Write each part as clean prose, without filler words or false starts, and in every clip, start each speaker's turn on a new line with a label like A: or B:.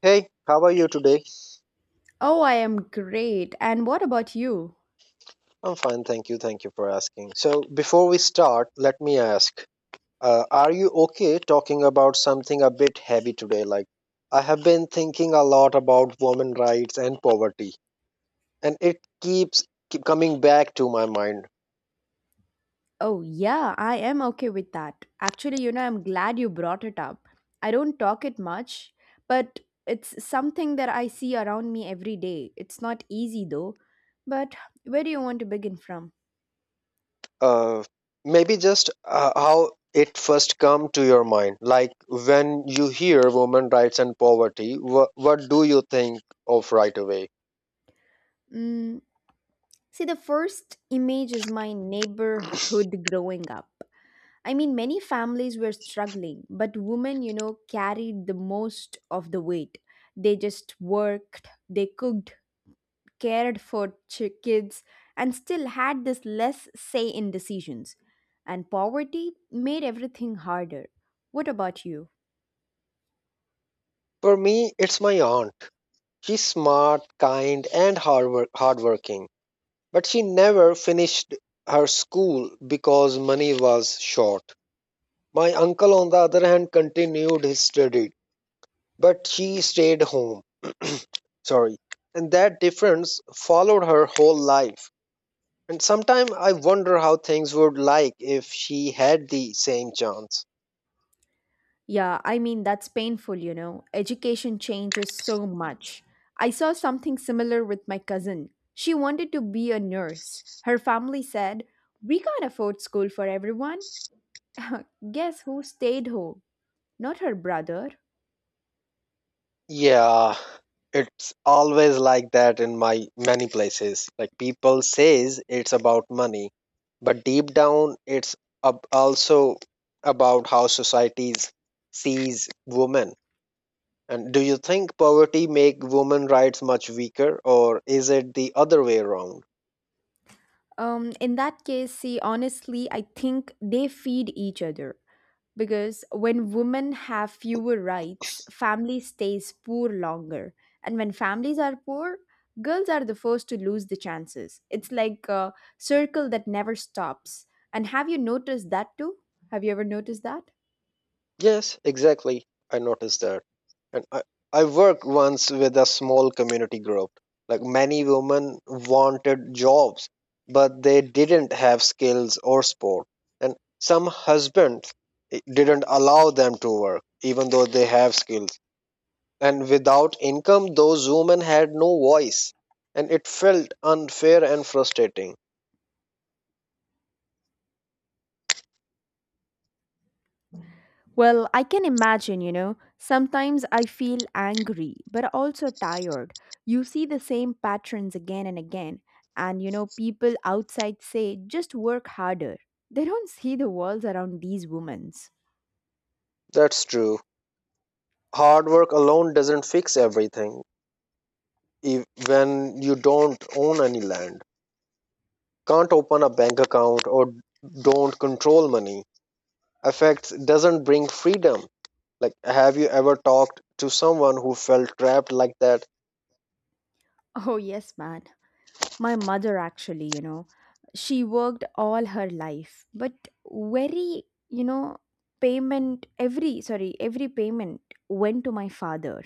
A: Hey, how are you today?
B: Oh, I am great. And what about you?
A: I'm fine, thank you. Thank you for asking. So, before we start, let me ask are you okay talking about something a bit heavy today? Like, I have been thinking a lot about women rights and poverty, and it keeps keep coming back to my mind.
B: Oh, yeah, I am okay with that. Actually, you know, I'm glad you brought it up. I don't talk it much, but it's something that I see around me every day. It's not easy though. But where do you want to begin from?
A: Uh, Maybe just how it first come to your mind. Like, when you hear women rights and poverty, what do you think of right away?
B: Mm, See, the first image is my neighborhood growing up. I mean, many families were struggling, but women, you know, carried the most of the weight. They just worked, they cooked cared for kids and still had this less say in decisions. And poverty made everything harder. What about you?
A: For me, it's my aunt. She's smart, kind, and hardworking, but she never finished her school because money was short. My uncle, on the other hand, continued his study, but she stayed home. Sorry. And that difference followed her whole life. And sometimes I wonder how things would like if she had the same chance.
B: Yeah, I mean, that's painful, you know. Education changes so much. I saw something similar with my cousin. She wanted to be a nurse. Her family said, we can't afford school for everyone. Guess who stayed home? Not her brother.
A: Yeah, it's always like that in my many places. Like people says it's about money, but deep down it's also about how societies sees women. And do you think poverty make women rights much weaker or is it the other way around?
B: In that case, see, honestly, I think they feed each other, because when women have fewer rights, family stays poor longer. And when families are poor, girls are the first to lose the chances. It's like a circle that never stops. And have you noticed that too? Have you ever noticed that?
A: Yes, exactly. I noticed that. And I worked once with a small community group. Like many women wanted jobs, but they didn't have skills or sport. And some husbands didn't allow them to work, even though they have skills. And without income, those women had no voice. And it felt unfair and frustrating.
B: Well, I can imagine, you know. Sometimes I feel angry, but also tired. You see the same patterns again and again. And, you know, people outside say, just work harder. They don't see the walls around these women.
A: That's true. Hard work alone doesn't fix everything, e- when you don't own any land. Can't open a bank account or don't control money. Effects doesn't bring freedom. Like, have you ever talked to someone who felt trapped like that?
B: Oh, yes, man. My mother, actually, you know, she worked all her life, but very, you know, payment, every payment went to my father.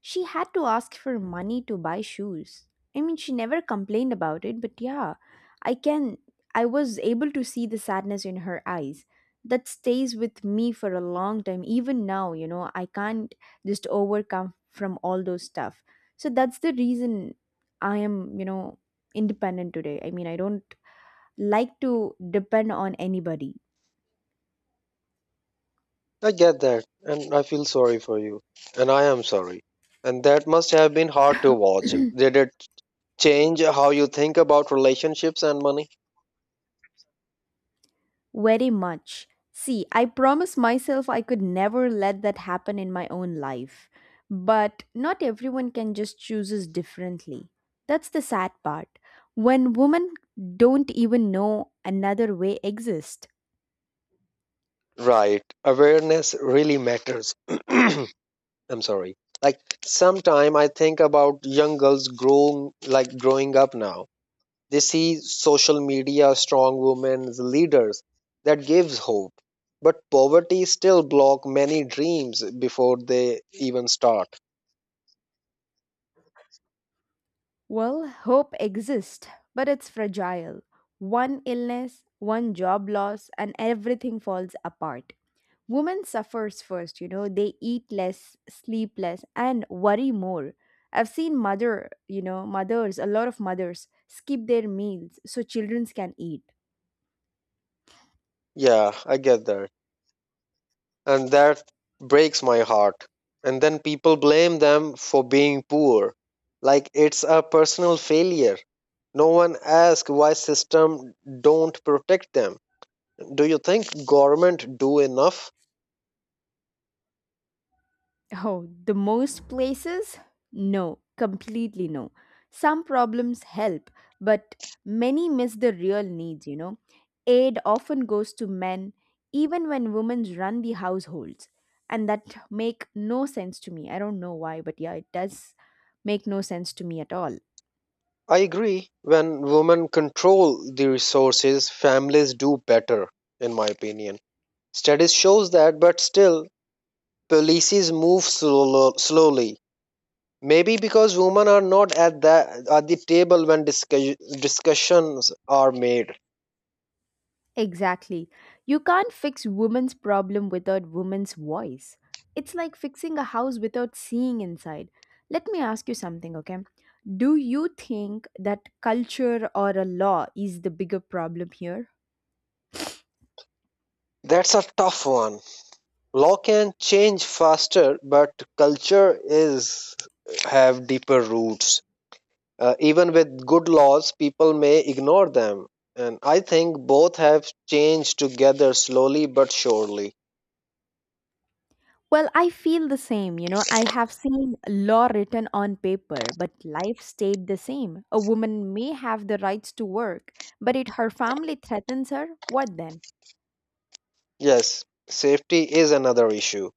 B: She had to ask for money to buy shoes. I mean, she never complained about it, but yeah, I can, I was able to see the sadness in her eyes. That stays with me for a long time. Even now, you know, I can't just overcome from all those stuff. So that's the reason I am, you know, independent today. I mean, I don't like to depend on anybody
A: I get that, and I feel sorry for you, and I am sorry. And that must have been hard to watch. Did it change how you think about relationships and money?
B: very much. See, I promised myself I could never let that happen in my own life. But not everyone can just chooses differently. That's the sad part. When women don't even know another way exists.
A: Right. Awareness really matters. I'm sorry. Like sometime I think about young girls growing up now. They see social media, strong women, leaders that gives hope. But poverty still block many dreams before they even start.
B: Well, hope exists, but it's fragile. One illness, one job loss, and everything falls apart. Women suffers first, you know, they eat less, sleep less and worry more. I've seen mothers, a lot of mothers skip their meals so children can eat.
A: Yeah, I get that. And that breaks my heart. And then people blame them for being poor. Like it's a personal failure. No one asks why system don't protect them. Do you think government do enough?
B: Oh, the most places? No, completely no. Some problems help, but many miss the real needs, you know. Aid often goes to men, even when women run the households. And that make no sense to me. I don't know why, but yeah, it does make no sense to me at all.
A: I agree. When women control the resources, families do better, in my opinion. Studies shows that, but still, policies move slowly. Maybe because women are not at the table when discussions are made.
B: Exactly. You can't fix women's problem without women's voice. It's like fixing a house without seeing inside. Let me ask you something, okay? Do you think that culture or a law is the bigger problem here?
A: That's a tough one. Law can change faster, but culture is have deeper roots. Even with good laws, people may ignore them. And I think both have changed together slowly but surely.
B: Well, I feel the same. You know, I have seen law written on paper, but life stayed the same. A woman may have the rights to work, but if her family threatens her, what then?
A: Yes, safety is another issue.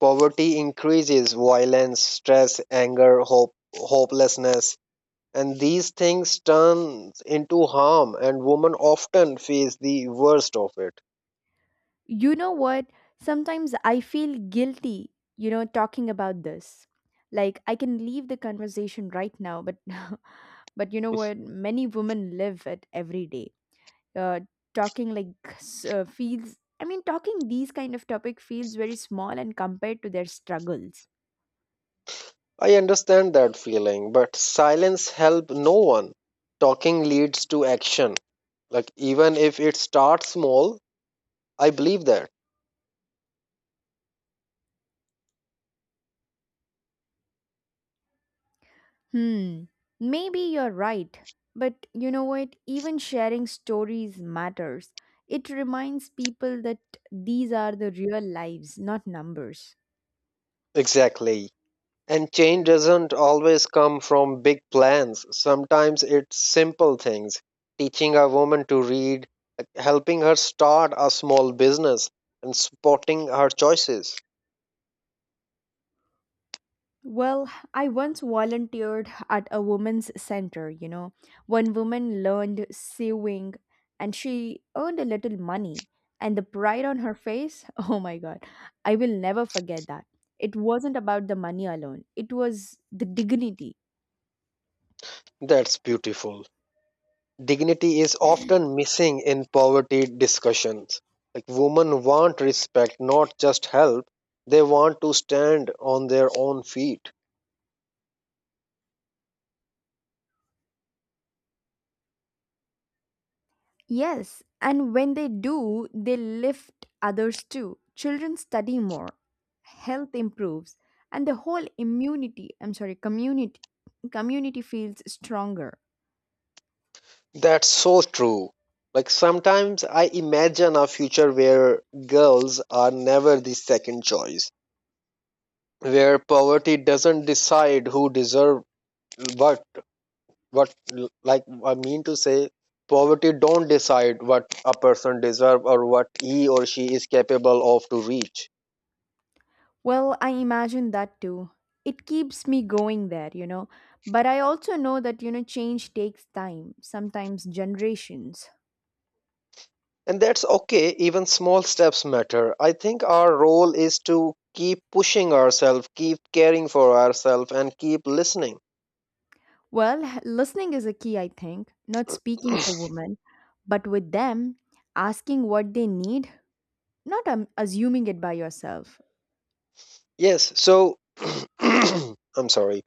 A: Poverty increases violence, stress, anger, hopelessness, and these things turn into harm, and women often face the worst of it.
B: You know what? Sometimes I feel guilty, you know, talking about this. Like I can leave the conversation right now, but but you know what? Many women live it every day. Uh, Talking like feels. I mean, talking these kind of topic feels very small and compared to their struggles.
A: I understand that feeling, but silence helps no one. Talking leads to action. Like, even if it starts small, I believe that.
B: Hmm, Maybe you're right. But you know what? Even sharing stories matters. It reminds people that these are the real lives, not numbers.
A: Exactly. And change doesn't always come from big plans. Sometimes it's simple things. Teaching a woman to read, like helping her start a small business, and supporting her choices.
B: Well, I once volunteered at a women's center, you know. One woman learned sewing and she earned a little money. And the pride on her face, oh my god, I will never forget that. It wasn't about the money alone, it was the dignity.
A: That's beautiful. Dignity is often missing in poverty discussions. Like women want respect, not just help. They want to stand on their own feet.
B: Yes, and when they do, they lift others too. Children study more, health improves, and the whole immunity, I'm sorry, community community feels stronger.
A: That's so true. Like sometimes I imagine a future where girls are never the second choice, where poverty doesn't decide who deserve what what like I mean to say Poverty don't decide what a person deserve or what he or she is capable of to reach.
B: Well, I imagine that too. It keeps me going there, you know. But I also know that, you know, change takes time, sometimes generations.
A: And that's okay, even small steps matter. I think our role is to keep pushing ourselves, keep caring for ourselves and keep listening.
B: Well, listening is a key, I think, not speaking for women, but with them, asking what they need. Not assuming it by yourself.
A: Yes, so I'm sorry.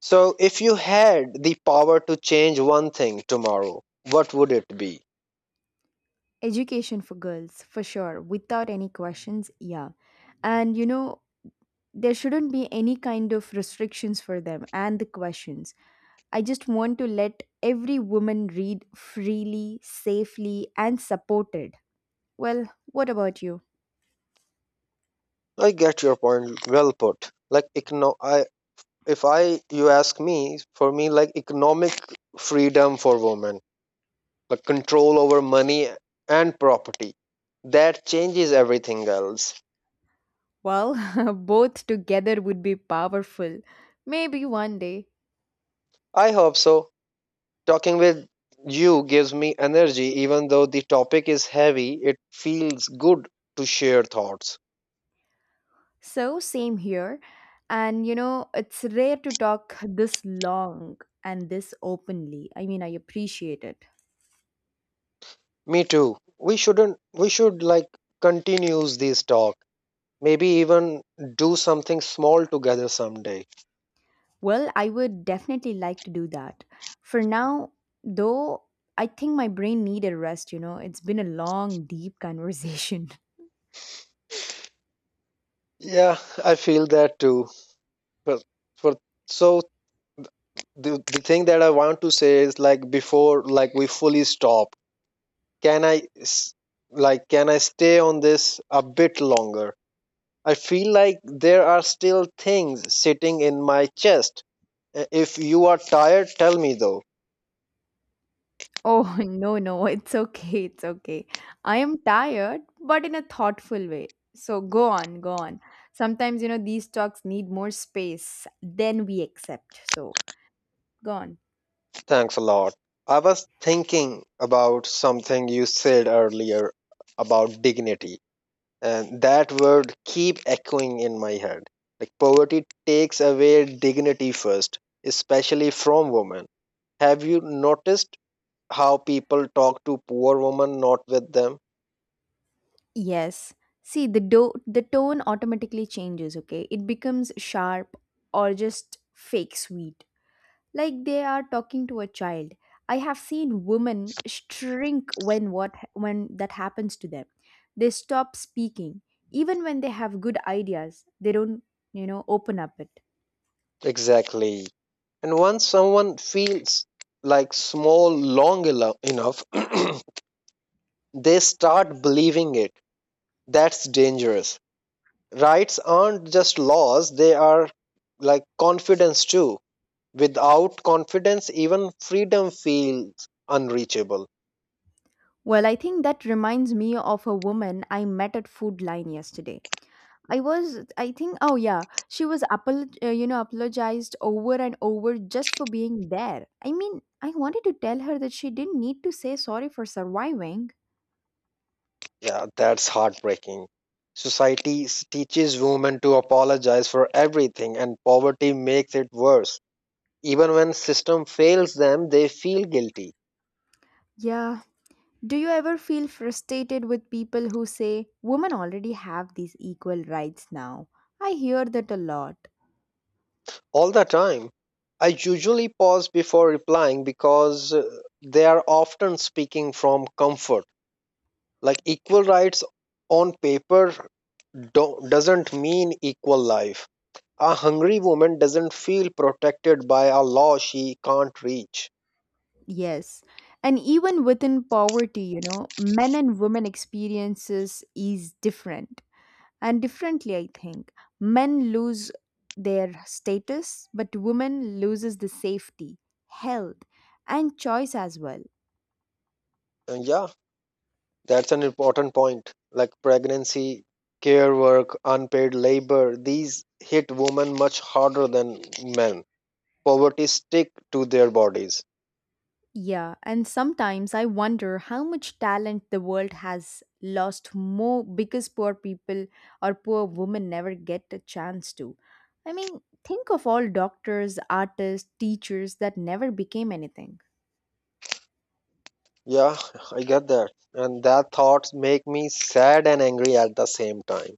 A: So, if you had the power to change one thing tomorrow, what would it be?
B: Education for girls, for sure, without any questions, yeah. And you know, there shouldn't be any kind of restrictions for them and the questions. I just want to let every woman read freely, safely, and supported. Well, what about you?
A: I get your point. Well put. Like, econo- I, if I, you ask me, for me, like economic freedom for women, like control over money and property, that changes everything else.
B: Well, both together would be powerful. Maybe one day.
A: I hope so. Talking with you gives me energy, even though the topic is heavy, it feels good to share thoughts.
B: So, same here. And you know, it's rare to talk this long and this openly. I mean, I appreciate it.
A: Me too. We shouldn't We should like continues this talk. Maybe even do something small together someday.
B: Well, I would definitely like to do that. For now, though, I think my brain needed rest, you know. It's been a long, deep conversation.
A: Yeah, I feel that too. But for so the thing that I want to say is like before like we fully stop. Can I s- can I stay on this a bit longer? I feel like there are still things sitting in my chest. If you are tired, tell me though.
B: Oh, no, no, it's okay, it's okay. I am tired, but in a thoughtful way. So go on, go on. Sometimes, you know, these talks need more space than we accept. So go on.
A: Thanks a lot. I was thinking about something you said earlier about dignity, and that word keep echoing in my head. Like poverty takes away dignity first, especially from women. Have you noticed how people talk to poor women not with them?
B: Yes. See, the tone automatically changes, okay? It becomes sharp or just fake sweet, like they are talking to a child. I have seen women shrink when what when that happens to them. They stop speaking. Even when they have good ideas, they don't, you know, open up it.
A: Exactly. And once someone feels like small enough, they start believing it. That's dangerous. Rights aren't just laws, they are like confidence too. Without confidence, even freedom feels unreachable.
B: Well, I think that reminds me of a woman I met at Food Line yesterday. I was, I think, oh yeah, she was, you know, apologized over and over just for being there. I mean, I wanted to tell her that she didn't need to say sorry for surviving.
A: Yeah, that's heartbreaking. Teaches women to apologize for everything, and poverty makes it worse. Even when system fails them, they feel guilty
B: Yeah, do you ever feel frustrated with people who say women already have these equal rights now? I hear that a lot.
A: all the time. I usually pause before replying because they are often speaking from comfort. Like equal rights on paper doesn't mean equal life. A hungry woman doesn't feel protected by a law she can't reach.
B: Yes. And even within poverty, you know, men and women experiences is different. And differently, I think. Men lose their status, but women loses the safety, health, and choice as well.
A: And yeah, that's an important point. Like pregnancy, care work, unpaid labor, these hit women much harder than men. Poverty stick to their bodies.
B: Yeah, and sometimes I wonder how much talent the world has lost more because poor people or poor women never get a chance to. I mean, think of all doctors, artists, teachers that never became anything.
A: Yeah, I get that. And that thoughts make me sad and angry at the same time.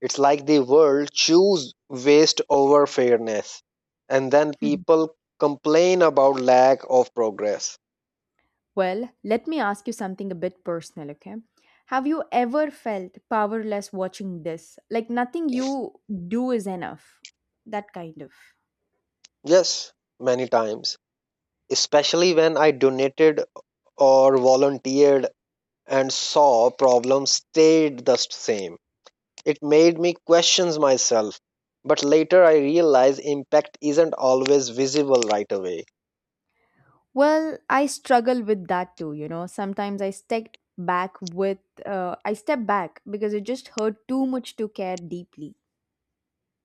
A: It's like the world choose waste over fairness, and then people complain about lack of progress.
B: Well, let me ask you something a bit personal, okay? Have you ever felt powerless watching this? Like nothing you do is enough? That kind of.
A: Yes, many times, especially when I donated or volunteered and saw problems stayed the same. It made me question myself, but later I realized impact isn't always visible right away.
B: Well, I struggle with that too, you know. Sometimes back with I step back because it just hurt too much to care deeply.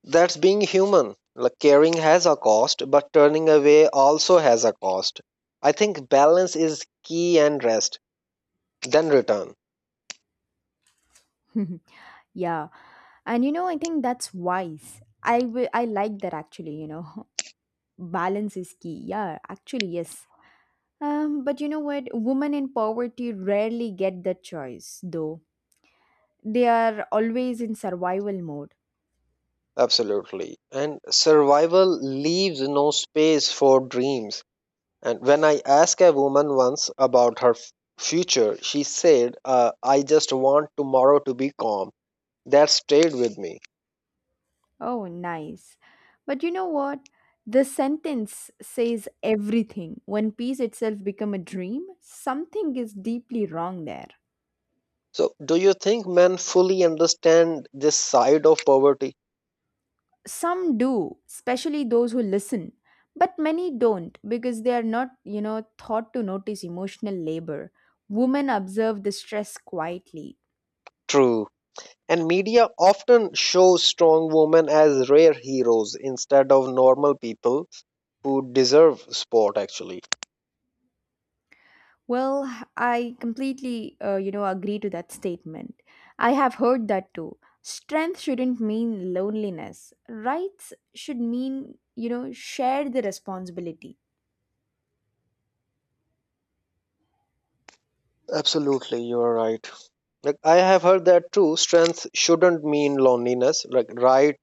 A: That's being human. Like caring has a cost, but turning away also has a cost. I think balance is key and rest, then return.
B: Yeah. And you know, I think that's wise. I like that actually, you know. Balance is key. Yeah, actually, yes. But you know what? Women in poverty rarely get that choice, though. They are always in survival mode.
A: Absolutely. And survival leaves no space for dreams. And when I asked a woman once about her future, she said, I just want tomorrow to be calm. That stayed with me.
B: Oh, nice. But you know what? The sentence says everything. When peace itself become a dream, something is deeply wrong there.
A: So, do you think men fully understand this side of poverty?
B: Some do, especially those who listen, but many don't because they are not, you know, taught to notice emotional labor. Women observe the stress quietly.
A: True. And media often shows strong women as rare heroes instead of normal people who deserve sport actually.
B: Well, I completely, you know, agree to that statement. I have heard that too. Strength shouldn't mean loneliness. Rights should mean, you know, share the responsibility.
A: Absolutely, you are right. Like I have heard that too, strength shouldn't mean loneliness. Like right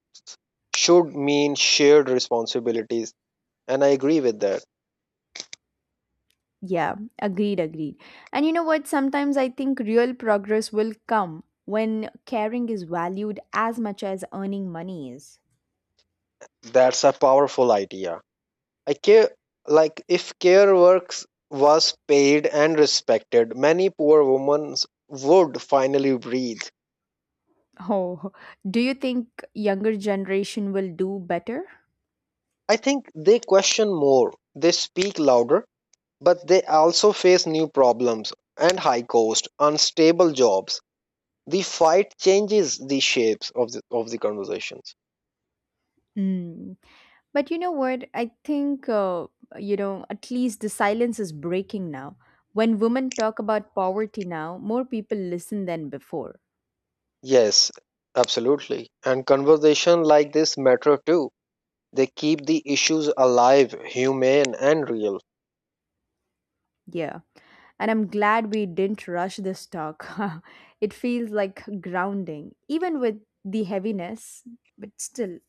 A: should mean shared responsibilities. And I agree with that.
B: Yeah, agreed, agreed. And you know what? Sometimes I think real progress will come when caring is valued as much as earning money is.
A: That's a powerful idea. I care like if care works was paid and respected, many poor women would finally breathe.
B: Oh, do you think younger generation will do better?
A: I think they question more, they speak louder, but they also face new problems and high cost, unstable jobs. The fight changes the shapes of the conversations.
B: Hmm. But you know what? I think, you know, at least the silence is breaking now. When women talk about poverty now, more people listen than before.
A: Yes, absolutely. And conversation like this matter too. They keep the issues alive, humane and real.
B: Yeah. And I'm glad we didn't rush this talk. It feels like grounding, even with the heaviness, but still.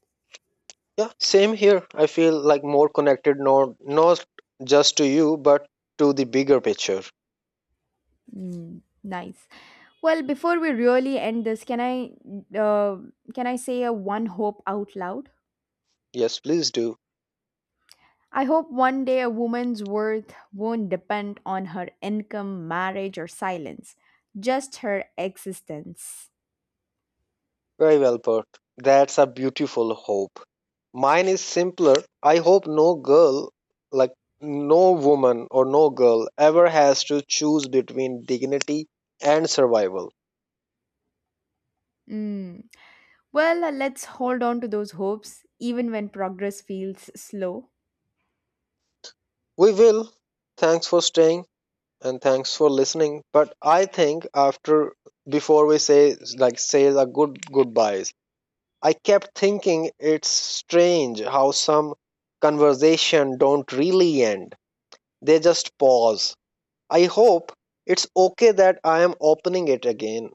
A: Yeah, same here. I feel like more connected not just to you but to the bigger picture.
B: Mm, nice. Well, before we really end this, uh, can I say a one hope out loud?
A: Yes, please do.
B: I hope one day a woman's worth won't depend on her income, marriage, or silence, just her existence.
A: Very well put. That's a beautiful hope. Mine is simpler. I hope no girl, like no woman or no girl, ever has to choose between dignity and survival.
B: Mm. Well, let's hold on to those hopes even when progress feels slow.
A: We will. Thanks for staying and thanks for listening. But I think before we say the good goodbyes, I kept thinking it's strange how some conversation don't really end. They just pause. I hope it's okay that I am opening it again.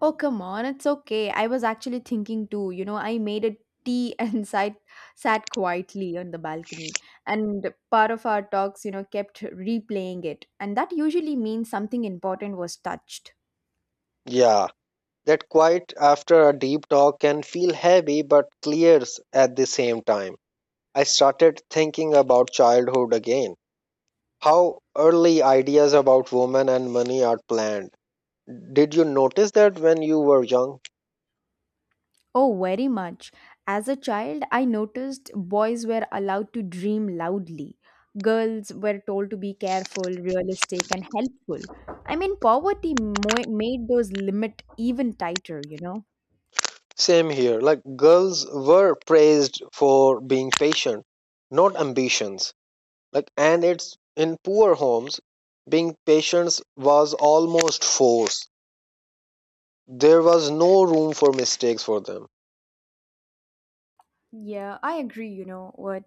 B: Oh, come on, it's okay. I was actually thinking too. You know, I made a tea and sat quietly on the balcony. And part of our talks, you know, kept replaying it. And that usually means something important was touched.
A: Yeah, that quiet after a deep talk can feel heavy but clears at the same time. I started thinking about childhood again. How early ideas about women and money are planned. Did you notice that when you were young?
B: Oh, very much. As a child, I noticed boys were allowed to dream loudly. Girls were told to be careful, realistic, and helpful. I mean, poverty made those limit even tighter, you know?
A: Same here. Like girls were praised for being patient, not ambitions. Like and it's in poor homes being patients was almost forced. There was no room for mistakes for them.
B: Yeah, I agree, you know what?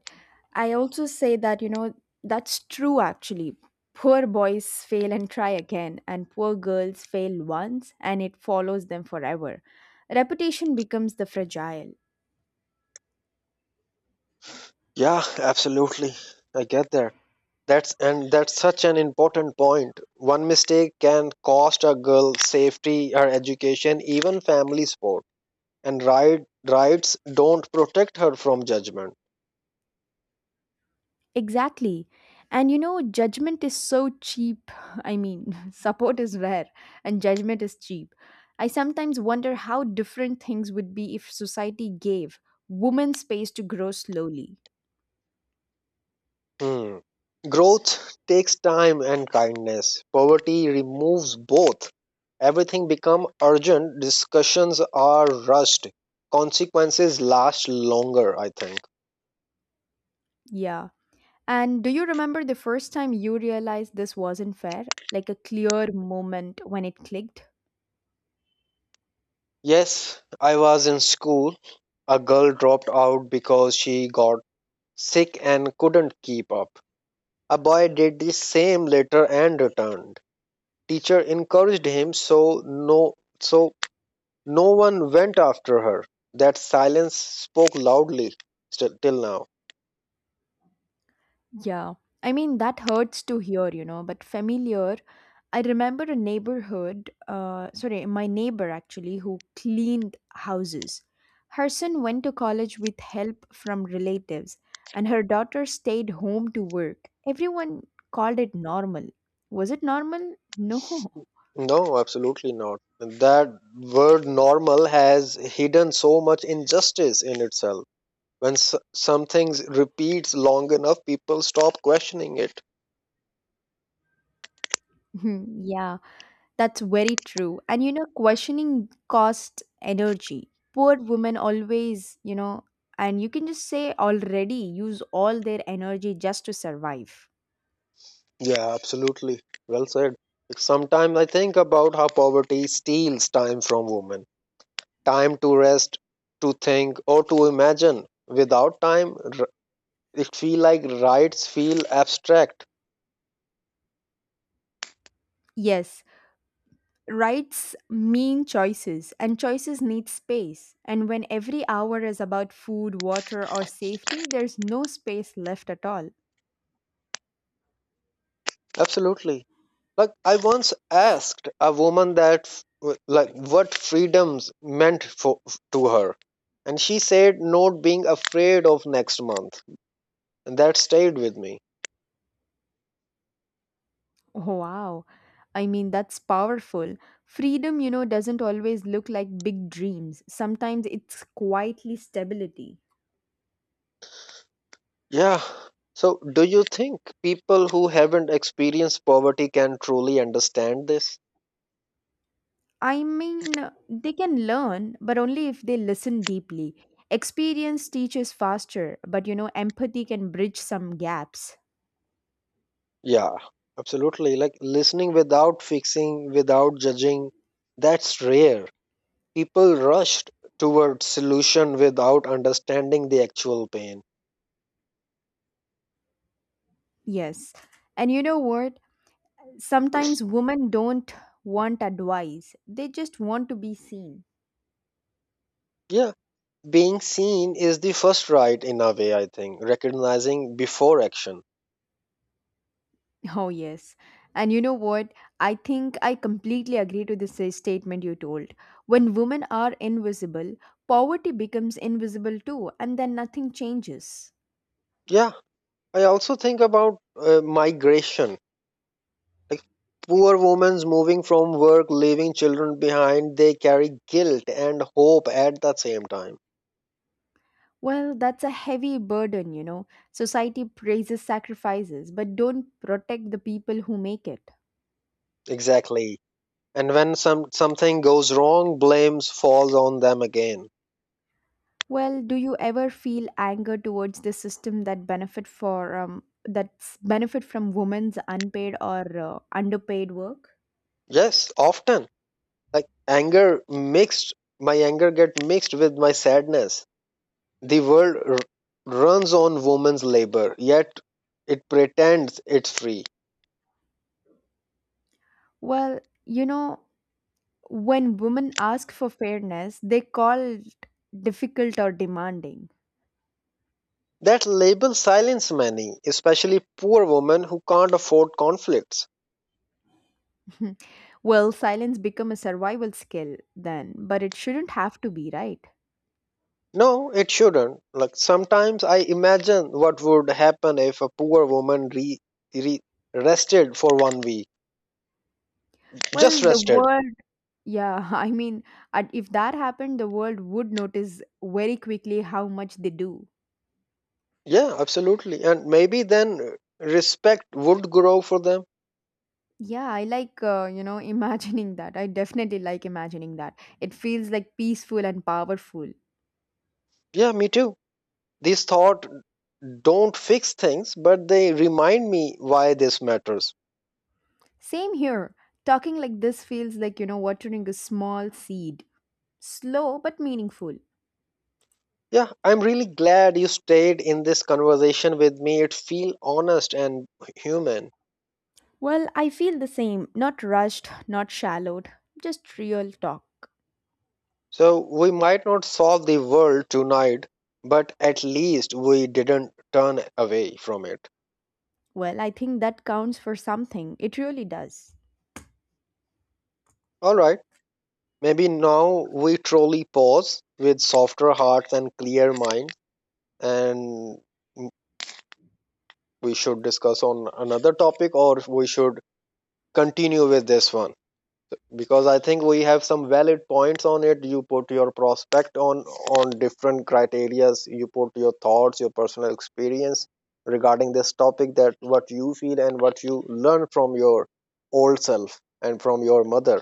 B: I also say that, you know, that's true actually. Poor boys fail and try again, and poor girls fail once and it follows them forever. Reputation becomes the fragile.
A: Yeah, absolutely, I get that. That's such an important point. One mistake can cost a girl safety, her education, even family support. And rights don't protect her from judgment.
B: Exactly. And you know, judgment is so cheap. I mean, support is rare and judgment is cheap. I sometimes wonder how different things would be if society gave women space to grow slowly.
A: Hmm. Growth takes time and kindness. Poverty removes both. Everything become urgent, discussions are rushed, consequences last longer, I think.
B: Yeah. And do you remember the first time you realized this wasn't fair? Like a clear moment when it clicked?
A: Yes, I was in school. A girl dropped out because she got sick and couldn't keep up. A boy did the same later and returned. Teacher encouraged him so no one went after her. That silence spoke loudly till now.
B: Yeah. I mean, that hurts to hear, you know, but familiar. I remember a my neighbor actually, who cleaned houses. Her son went to college with help from relatives, and her daughter stayed home to work. Everyone called it normal. Was it normal? No.
A: No, absolutely not. That word normal has hidden so much injustice in itself. When something repeats long enough, people stop questioning it.
B: Yeah. That's very true. And you know, questioning costs energy. Poor women always, you know, and you can just say already use all their energy just to survive.
A: Yeah, absolutely. Well said. Sometimes I think about how poverty steals time from women, time to rest, to think, or to imagine. Without time, it feel like rights feel abstract.
B: Yes, rights mean choices, and choices need space. And when every hour is about food, water, or safety, there's no space left at all.
A: Absolutely. Like I once asked a woman that like what freedoms meant for to her, and she said not being afraid of next month, and that stayed with me.
B: Oh, wow. I mean, that's powerful. Freedom, you know, doesn't always look like big dreams. Sometimes it's quietly stability.
A: Yeah. So, do you think people who haven't experienced poverty can truly understand this?
B: I mean, they can learn, but only if they listen deeply. Experience teaches faster, but you know, empathy can bridge some gaps.
A: Yeah, absolutely. Like listening without fixing, without judging, that's rare. People rushed towards solution without understanding the actual pain.
B: Yes. And you know what? Sometimes women don't want advice, they just want to be seen.
A: Yeah, being seen is the first right in a way, I think, recognizing before action.
B: Oh, yes. And you know what? I think I completely agree to this statement you told. When women are invisible, poverty becomes invisible too, and then nothing changes.
A: Yeah, I also think about migration. Like poor women moving from work, leaving children behind, they carry guilt and hope at the same time.
B: Well, that's a heavy burden, you know. Society praises sacrifices, but don't protect the people who make it.
A: Exactly. And when something goes wrong, blames falls on them again.
B: Well, do you ever feel anger towards the system that's benefit from women's unpaid or underpaid work?
A: Yes, often. Like anger mixed, my anger get mixed with my sadness. The world runs on women's labor, yet it pretends it's free.
B: Well, you know, when women ask for fairness, they call it difficult or demanding.
A: That label silences many, especially poor women who can't afford conflicts.
B: Well, silence become a survival skill then, but it shouldn't have to be, right?
A: No, it shouldn't. Like sometimes I imagine what would happen if a poor woman re, re rested for 1 week. Just
B: Well, the
A: rested.
B: world. Yeah, I mean, if that happened, the world would notice very quickly how much they do.
A: Yeah, absolutely. And maybe then respect would grow for them.
B: Yeah, I like, you know, imagining that. I definitely like imagining that. It feels like peaceful and powerful.
A: Yeah, me too. This thought don't fix things, but they remind me why this matters.
B: Same here. Talking like this feels like, you know, watering a small seed. Slow but meaningful.
A: Yeah, I'm really glad you stayed in this conversation with me. It feels honest and human.
B: Well, I feel the same. Not rushed, not shallowed, just real talk.
A: So we might not solve the world tonight, but at least we didn't turn away from it.
B: Well, I think that counts for something. It really does.
A: All right, maybe now we truly pause with softer hearts and clear mind, and we should discuss on another topic, or we should continue with this one. Because I think we have some valid points on it. You put your prospect on different criterias. You put your thoughts, your personal experience regarding this topic, that what you feel and what you learn from your old self and from your mother.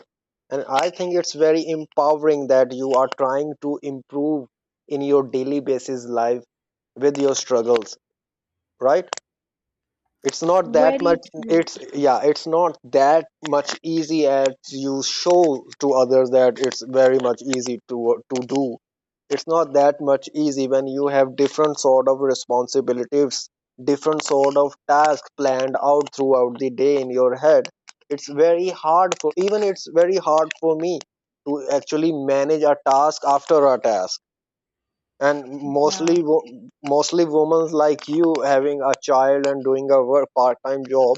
A: And I think it's very empowering that you are trying to improve in your daily basis life with your struggles, right? It's not that much.
B: Very true.
A: It's, yeah, it's not that much easy as you show to others, that it's very much easy to do. It's not that much easy when you have different sort of responsibilities, different sort of tasks planned out throughout the day in your head. It's very hard for, even it's very hard for me to actually manage a task after a task. And
B: Yeah.
A: mostly women like you, having a child and doing a work part-time job,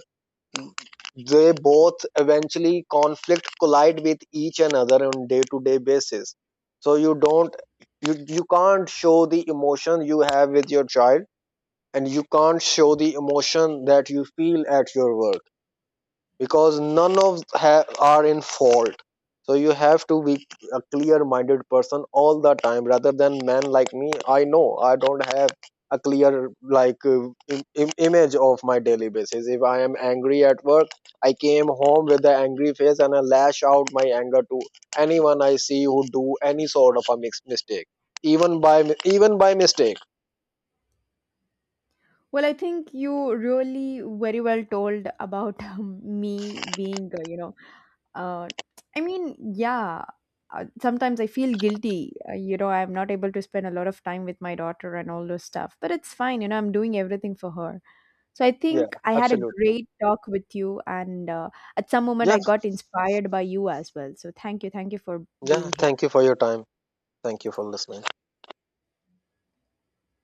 A: they both eventually conflict, collide with each another on day-to-day basis. So you don't, you can't show the emotion you have with your child, and you can't show the emotion that you feel at your work, because none of ha- are in fault. So you have to be a clear minded person all the time, rather than men like me. I know I don't have a clear like image of my daily basis. If I am angry at work, I came home with an angry face and I lash out my anger to anyone I see who do any sort of a mistake, even by even by mistake.
B: Well, I think you really very well told about me being, you know, uh, I mean, yeah, sometimes I feel guilty. You know, I'm not able to spend a lot of time with my daughter and all those stuff, but it's fine. You know, I'm doing everything for her. So I
A: Yeah,
B: think I had a
A: absolutely.
B: great talk with you, and at some moment
A: Yeah.
B: I got inspired by you as well. So thank you. Thank you for
A: Yeah,
B: being here.
A: thank you for your time. Thank you for listening.